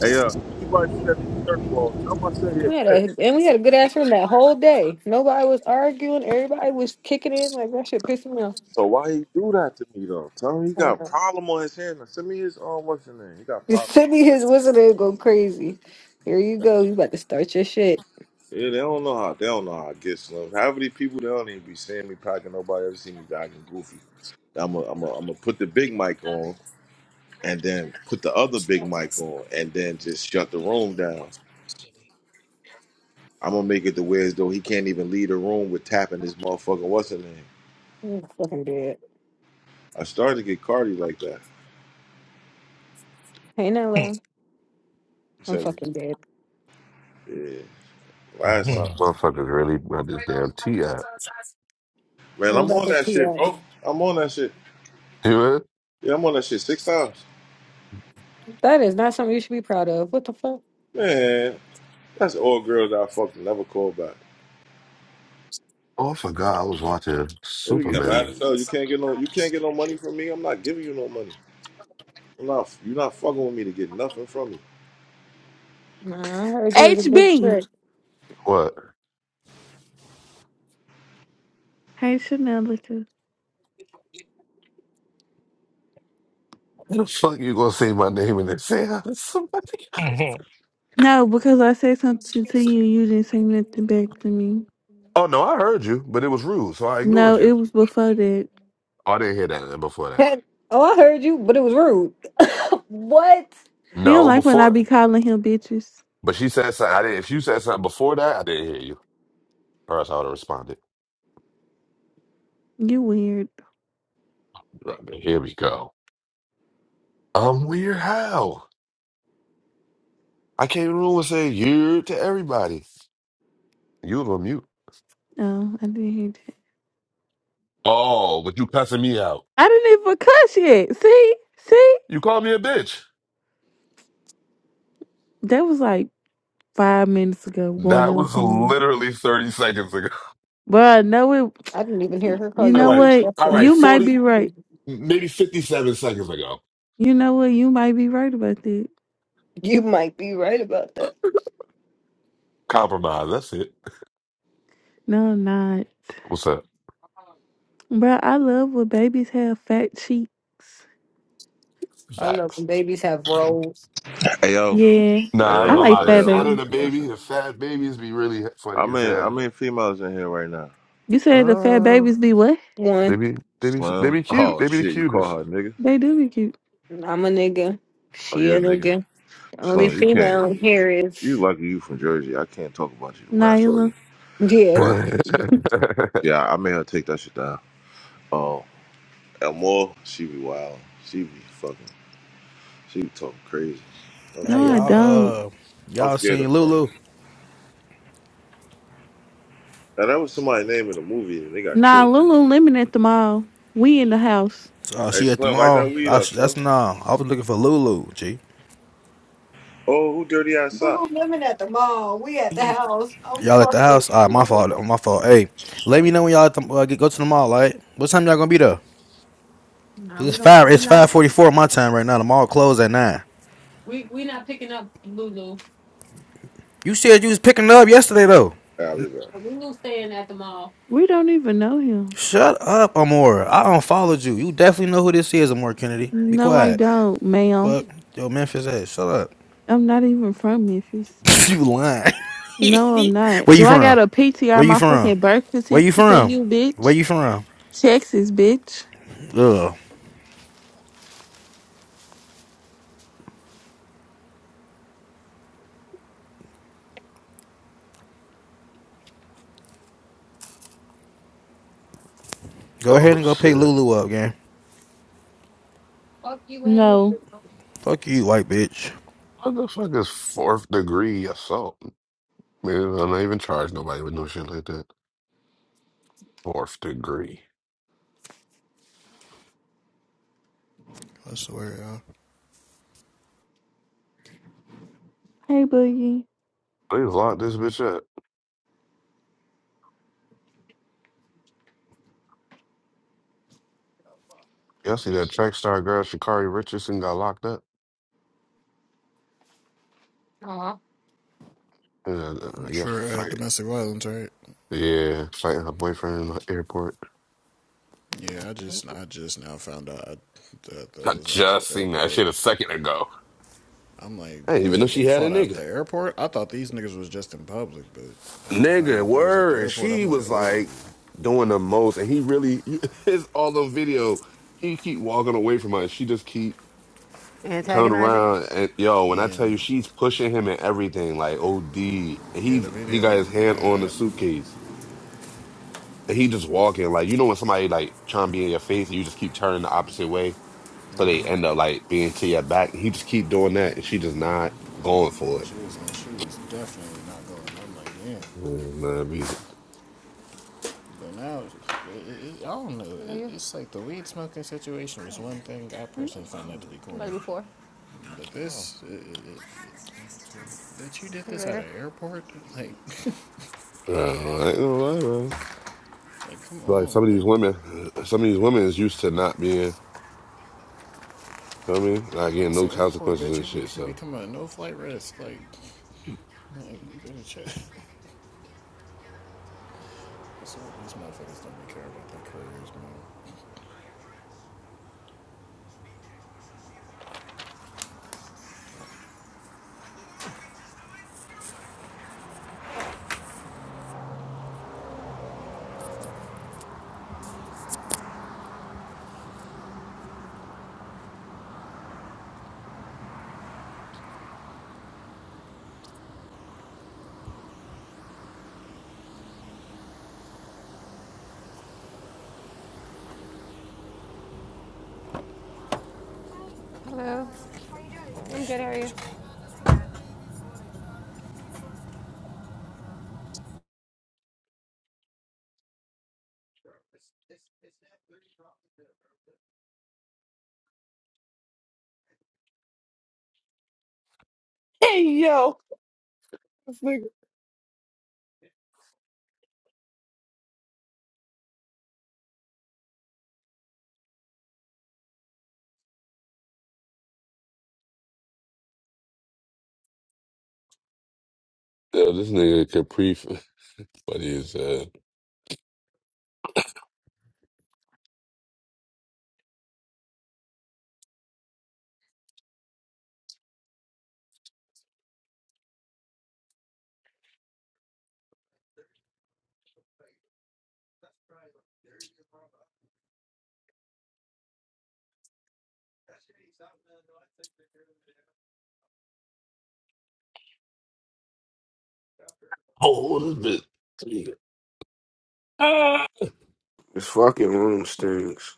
Speaker 12: Hey yo, if anybody see that nigga third ball, tell him I said here
Speaker 7: We had
Speaker 12: bitch.
Speaker 7: a and we had a good ass room that whole day. Nobody was arguing. Everybody was kicking in. Like that shit pissed me off.
Speaker 12: So why he do that to me though? Tell him he
Speaker 7: I
Speaker 12: got
Speaker 7: don't
Speaker 12: a
Speaker 7: know.
Speaker 12: problem on his hand. Now Send me his um what's his name? He got a
Speaker 7: [LAUGHS] Just
Speaker 12: problem.
Speaker 7: send me his whistle and go crazy. Here you go. You about to start your shit.
Speaker 12: Yeah, they don't know how they don't know how I get slim. How many people they don't even be seeing me packing nobody ever see me jogging goofy. I'm a, I'm a, I'm gonna put the big mic on and then put the other big mic on and then just shut the room down. I'm gonna make it to where as though he can't even leave the room with tapping his motherfucker what's her name.
Speaker 7: You fucking dead.
Speaker 12: I started to get Cardi like that.
Speaker 7: Hey, Nello. I'm
Speaker 12: So
Speaker 7: fucking dead.
Speaker 12: yeah, last time,
Speaker 11: really got this damn tea app.
Speaker 12: man,
Speaker 7: What
Speaker 12: I'm
Speaker 7: about
Speaker 12: on
Speaker 7: the
Speaker 12: that shit,
Speaker 7: TL?
Speaker 12: bro. I'm on that shit.
Speaker 11: You know?
Speaker 12: Yeah, I'm on that shit six times,
Speaker 7: That is not something you should be proud of. What the fuck?
Speaker 12: man. That's all girls that I fucking never called back.
Speaker 11: Oh, I forgot. I was watching
Speaker 12: Nigga, you Yeah, dumb mad as
Speaker 11: Superman.
Speaker 12: as You can't get no. You can't get no money from me. I'm not giving you no money. I'm not. You're not fucking with me to get nothing from me.
Speaker 7: Nah, I heard you was a big
Speaker 8: HB.
Speaker 7: trick.
Speaker 8: Hey Chanelica.
Speaker 11: How the fuck you gonna say my name and then say hi to [LAUGHS] somebody?
Speaker 8: No, because I said something to you, you didn't say nothing back to me.
Speaker 11: Oh no, I heard you, but it was rude, so I ignored
Speaker 8: No,
Speaker 11: you.
Speaker 8: it was before that.
Speaker 11: Oh, I didn't hear that uh, before that.
Speaker 7: Had- oh, I heard you, but it was rude. [LAUGHS] [COUGHS] what?
Speaker 8: He don't
Speaker 11: No,
Speaker 8: like when I be
Speaker 11: before,
Speaker 8: calling him bitches.
Speaker 11: but she said something. I didn't. If you said something before that, I didn't hear you, or else I would have responded.
Speaker 8: You weird.
Speaker 11: Right, but Here we go. I'm weird. How I came in the room and said you to everybody. You was on mute.
Speaker 8: Oh, I didn't hear that.
Speaker 11: Oh, but you cussing me out.
Speaker 8: I didn't even cuss yet. See? See?
Speaker 11: You called me a bitch.
Speaker 8: That was like five minutes ago, going
Speaker 11: That
Speaker 8: on
Speaker 11: was
Speaker 8: ten.
Speaker 11: literally 30 seconds ago.
Speaker 8: But no it
Speaker 7: I didn't even hear her call
Speaker 8: you
Speaker 11: [LAUGHS] All
Speaker 7: you a
Speaker 8: know
Speaker 11: right,
Speaker 7: bitch.
Speaker 8: what?
Speaker 7: That's
Speaker 11: all right,
Speaker 7: racist.
Speaker 8: You might
Speaker 11: 40,
Speaker 8: be right.
Speaker 11: maybe 57 seconds ago.
Speaker 8: You know what? You might be right about that.
Speaker 7: You might be right about that.
Speaker 11: Compromise. That's it.
Speaker 8: No, I'm not.
Speaker 11: What's up?
Speaker 8: Bro, I love when babies have fat cheeks.
Speaker 7: I love
Speaker 11: Facts.
Speaker 7: when babies have roles.
Speaker 12: Hey yo,
Speaker 8: Yeah.
Speaker 12: hey
Speaker 11: Nah, I ain't
Speaker 8: I
Speaker 12: yo,
Speaker 11: gonna
Speaker 8: like
Speaker 11: lie. The
Speaker 12: hey
Speaker 8: fat
Speaker 12: yo,
Speaker 11: fatter
Speaker 8: babies.
Speaker 11: the
Speaker 12: listen,
Speaker 11: baby,
Speaker 12: listen.
Speaker 11: the fat babies be really funny
Speaker 12: I'm
Speaker 11: as
Speaker 12: in
Speaker 11: hell.
Speaker 12: I'm in females in here right now.
Speaker 8: You said the fat
Speaker 11: Uh,
Speaker 8: babies be what?
Speaker 11: they
Speaker 7: One,
Speaker 11: be they be they
Speaker 12: Slim.
Speaker 11: be cute.
Speaker 12: Oh
Speaker 11: They be the
Speaker 12: shit, you call
Speaker 11: cutest.
Speaker 12: her a nigga?
Speaker 8: They do be cute.
Speaker 7: I'm a nigga.
Speaker 12: Oh
Speaker 7: She
Speaker 12: yeah,
Speaker 7: a
Speaker 12: nigga.
Speaker 7: nigga. The only
Speaker 12: Slim, you can't
Speaker 7: female here
Speaker 12: you
Speaker 7: is
Speaker 12: lucky you from Jersey. I can't talk about you the way I saw
Speaker 8: Nyla.
Speaker 12: you.
Speaker 11: [LAUGHS]
Speaker 7: yeah.
Speaker 12: But yeah, I made her take that shit down. Oh, and more, she be wild. She be fucking she be talking crazy. I'm
Speaker 8: No,
Speaker 13: Hey
Speaker 8: I
Speaker 12: scared of her.
Speaker 8: don't.
Speaker 13: y'all, uh,
Speaker 12: I'm
Speaker 13: y'all
Speaker 12: scared
Speaker 13: seen
Speaker 12: of her.
Speaker 13: Lulu?
Speaker 12: Now, that was somebody's name in the movie, and they got
Speaker 8: Nah,
Speaker 12: killed.
Speaker 8: Lululemon at the mall. We in the house.
Speaker 13: Uh,
Speaker 12: Hey,
Speaker 13: she at the
Speaker 12: Slim, light that
Speaker 13: mall.
Speaker 12: weed
Speaker 13: I,
Speaker 12: up,
Speaker 13: that's
Speaker 12: Slim.
Speaker 13: no. I was looking for Lulu. G.
Speaker 12: Oh, who dirty ass
Speaker 7: Boo-boo
Speaker 12: sock?
Speaker 7: women at the mall. We at the
Speaker 11: oh
Speaker 7: house. I'm
Speaker 13: Y'all at the
Speaker 7: fucking
Speaker 13: house? All right, my
Speaker 7: dead.
Speaker 13: fault. My fault. Hey, let me know when y'all at the, uh, get, go to the mall. All right. What time y'all gonna be there?
Speaker 7: Nah,
Speaker 13: It's
Speaker 7: we don't.
Speaker 13: five.
Speaker 7: We're
Speaker 13: It's five
Speaker 7: not.
Speaker 13: forty four my time right now. The mall closed at nine.
Speaker 7: We we not picking up Lulu.
Speaker 13: You said you was picking up yesterday though.
Speaker 12: Yeah, I'll be back.
Speaker 7: We knew staying at the mall.
Speaker 8: We don't even know him.
Speaker 13: Shut up, Amor. I unfollowed you. You definitely know who this is, Amor Kennedy. Be
Speaker 8: No, I
Speaker 13: quiet.
Speaker 8: don't, ma'am.
Speaker 13: Fuck yo Memphis ass. Shut up.
Speaker 8: I'm not even from Memphis.
Speaker 13: [LAUGHS] you lying. [LAUGHS]
Speaker 8: No, I'm not.
Speaker 13: Where you
Speaker 8: Do I
Speaker 13: from?
Speaker 8: got a
Speaker 13: Where
Speaker 8: PTR
Speaker 13: you
Speaker 8: my
Speaker 13: from?
Speaker 8: fucking birth
Speaker 13: Where you
Speaker 8: certificate for
Speaker 13: from?
Speaker 8: you,
Speaker 13: Where
Speaker 8: bitch?
Speaker 13: you from?
Speaker 8: Texas, bitch.
Speaker 13: Ugh. Go ahead and go pick
Speaker 11: shit!
Speaker 13: Lulu up, gang.
Speaker 7: Fuck you and
Speaker 8: No.
Speaker 13: Fuck you, white bitch.
Speaker 11: What the fuck is fourth degree assault? Man, I'm not even charge nobody with no shit like that. Fourth degree.
Speaker 14: That's the way, yeah.
Speaker 8: Hey, Boogie.
Speaker 11: They locked this bitch up. Y'all see that track star girl Shakari Richardson got locked up?
Speaker 7: Aw,
Speaker 11: Uh, I guess
Speaker 14: For uh,
Speaker 11: fight.
Speaker 14: domestic violence, right?
Speaker 11: Yeah, fighting her boyfriend in the airport.
Speaker 14: Yeah, I just I just now found out that
Speaker 11: I
Speaker 14: that was at the
Speaker 11: just seen that shit
Speaker 14: airport.
Speaker 11: a second ago.
Speaker 14: I'm like,
Speaker 11: I didn't even know
Speaker 14: oh,
Speaker 11: she
Speaker 14: they
Speaker 11: had a
Speaker 14: fought at
Speaker 11: nigga.
Speaker 14: the airport. I thought these niggas was just in public, but after finding
Speaker 11: Nigga,
Speaker 14: out they was at the
Speaker 11: word. And
Speaker 14: airport,
Speaker 11: she
Speaker 14: I'm like,
Speaker 11: was like
Speaker 14: oh.
Speaker 11: doing the most. And he really, you- [LAUGHS] it's all the video. He keep walking away from her. And she just keep coming
Speaker 7: Antagonizing?
Speaker 11: around. And yo, when I tell you,
Speaker 14: And
Speaker 11: she's pushing him and everything, like OD. And
Speaker 14: yeah,
Speaker 11: he's,
Speaker 14: the
Speaker 11: he
Speaker 14: video
Speaker 11: got his
Speaker 14: looked
Speaker 11: hand on the
Speaker 14: bad.
Speaker 11: suitcase. And he just walking. Like, you know when somebody like trying to be in your face and you just keep turning the opposite way. So they end up like being to your back. He just keep doing that. And she just not going for
Speaker 14: and
Speaker 11: it.
Speaker 14: she was and she was definitely not going. I'm like, damn.
Speaker 11: Yeah, man,
Speaker 14: But now, it, it, I don't know.
Speaker 7: hello
Speaker 14: It,
Speaker 7: you.
Speaker 14: it's like the weed smoking situation was one thing. I personally find that to be
Speaker 7: I'm about to
Speaker 14: corny.
Speaker 7: be four.
Speaker 14: But this, it, it, bitch, you did
Speaker 7: See you
Speaker 14: this at
Speaker 7: later.
Speaker 14: an airport? [LAUGHS] Like,
Speaker 11: Bro, I ain't gonna lie, bro.
Speaker 14: like, come
Speaker 11: Like
Speaker 14: on,
Speaker 11: some of these
Speaker 14: like,
Speaker 11: women, uh, some of these women is used to not being, feel me, not
Speaker 14: like
Speaker 11: getting
Speaker 14: that's
Speaker 11: no
Speaker 14: an airport,
Speaker 11: consequences
Speaker 14: bitch.
Speaker 11: and
Speaker 14: You
Speaker 11: shit.
Speaker 14: become
Speaker 11: So,
Speaker 14: become a no flight risk, like, like, you better check. [LAUGHS] I swear these motherfuckers don't be care about their careers, man.
Speaker 7: Hello. I'm good. How are you?
Speaker 11: Hey yo, this nigga. yo, this nigga Capri, [LAUGHS] funny as uh, oh, this bitch. [LAUGHS] Ah.
Speaker 5: This fucking room stinks.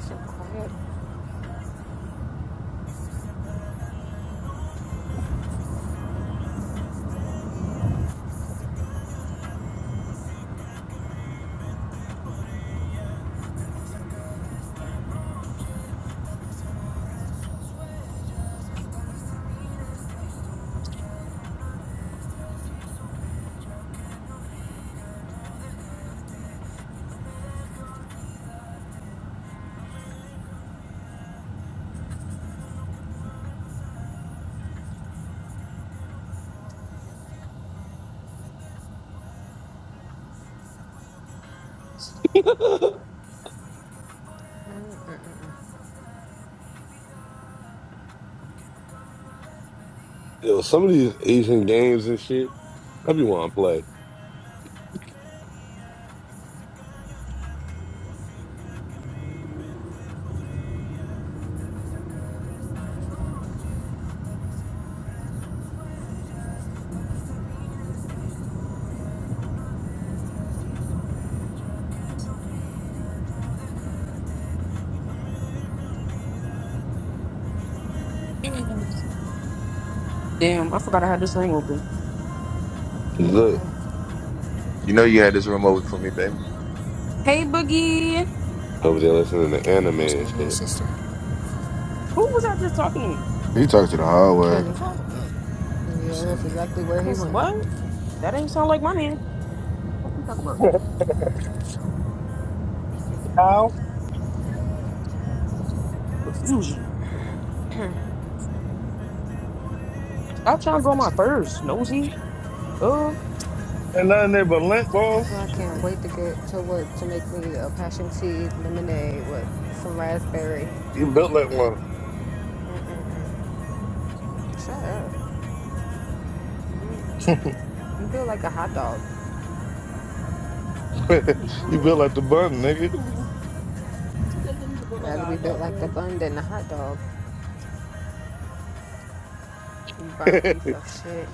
Speaker 7: So quiet.
Speaker 11: Yo, some of these Asian games and shit, I be want to play.
Speaker 4: Damn, I forgot I had this thing open.
Speaker 7: I'm
Speaker 11: Look
Speaker 7: crying.
Speaker 15: You know you had this room open for me, baby.
Speaker 4: Hey, Boogie,
Speaker 11: over there listening to
Speaker 14: [LAUGHS]
Speaker 11: anime
Speaker 14: What's
Speaker 11: and
Speaker 14: going on,
Speaker 11: shit.
Speaker 14: sister?
Speaker 4: who was I just talking to me?
Speaker 5: He talked to the
Speaker 7: And
Speaker 5: hallway.
Speaker 7: Kenny.
Speaker 4: The
Speaker 14: Oh, I
Speaker 4: fuck?
Speaker 14: don't know. Who's
Speaker 7: Yeah, that's
Speaker 14: some nigga?
Speaker 7: exactly where he
Speaker 4: Cause
Speaker 7: went.
Speaker 4: what? That ain't sound like my name. What you talking about?
Speaker 1: Ow.
Speaker 4: Confusion. Stop trying to go on my first nosy. Uh.
Speaker 1: Ain't nothing there but lint balls.
Speaker 7: So I can't wait to get to work to make me a passion tea lemonade with some raspberry.
Speaker 1: You built like one.
Speaker 7: Shut up. You built like a hot dog.
Speaker 1: [LAUGHS] you built like the button, nigga.
Speaker 7: Rather be built like the bun than the hot dog. You burnt piece
Speaker 1: [LAUGHS]
Speaker 7: of shit.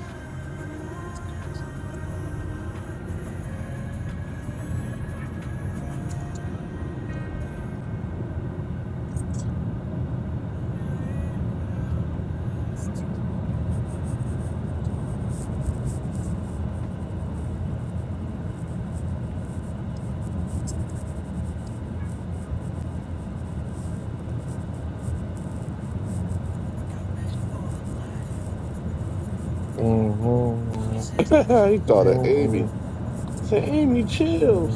Speaker 11: [LAUGHS] he called her Amy.
Speaker 1: Mhm.
Speaker 11: Say, Amy, chill.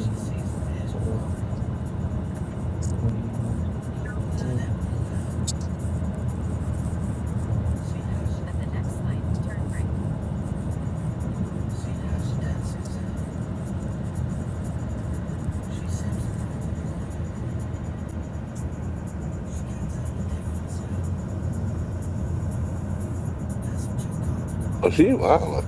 Speaker 11: Oh, she wildin'.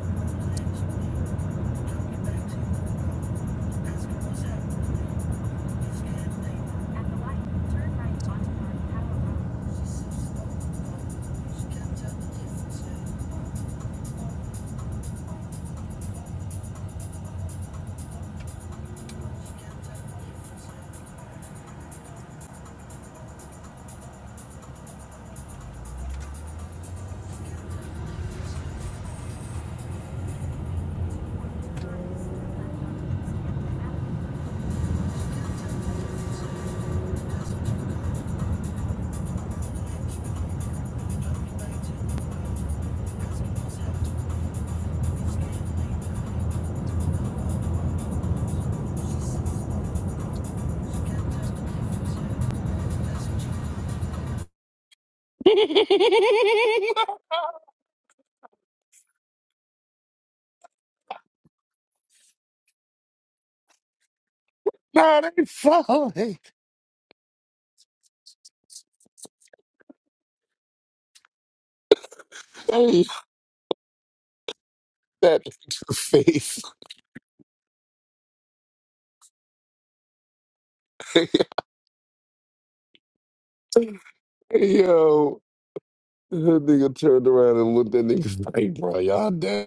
Speaker 11: [LAUGHS] nah, they falling. that [LAUGHS] to face. [LAUGHS] Yo, that nigga turned around and looked at niggas like, bro, y'all dead.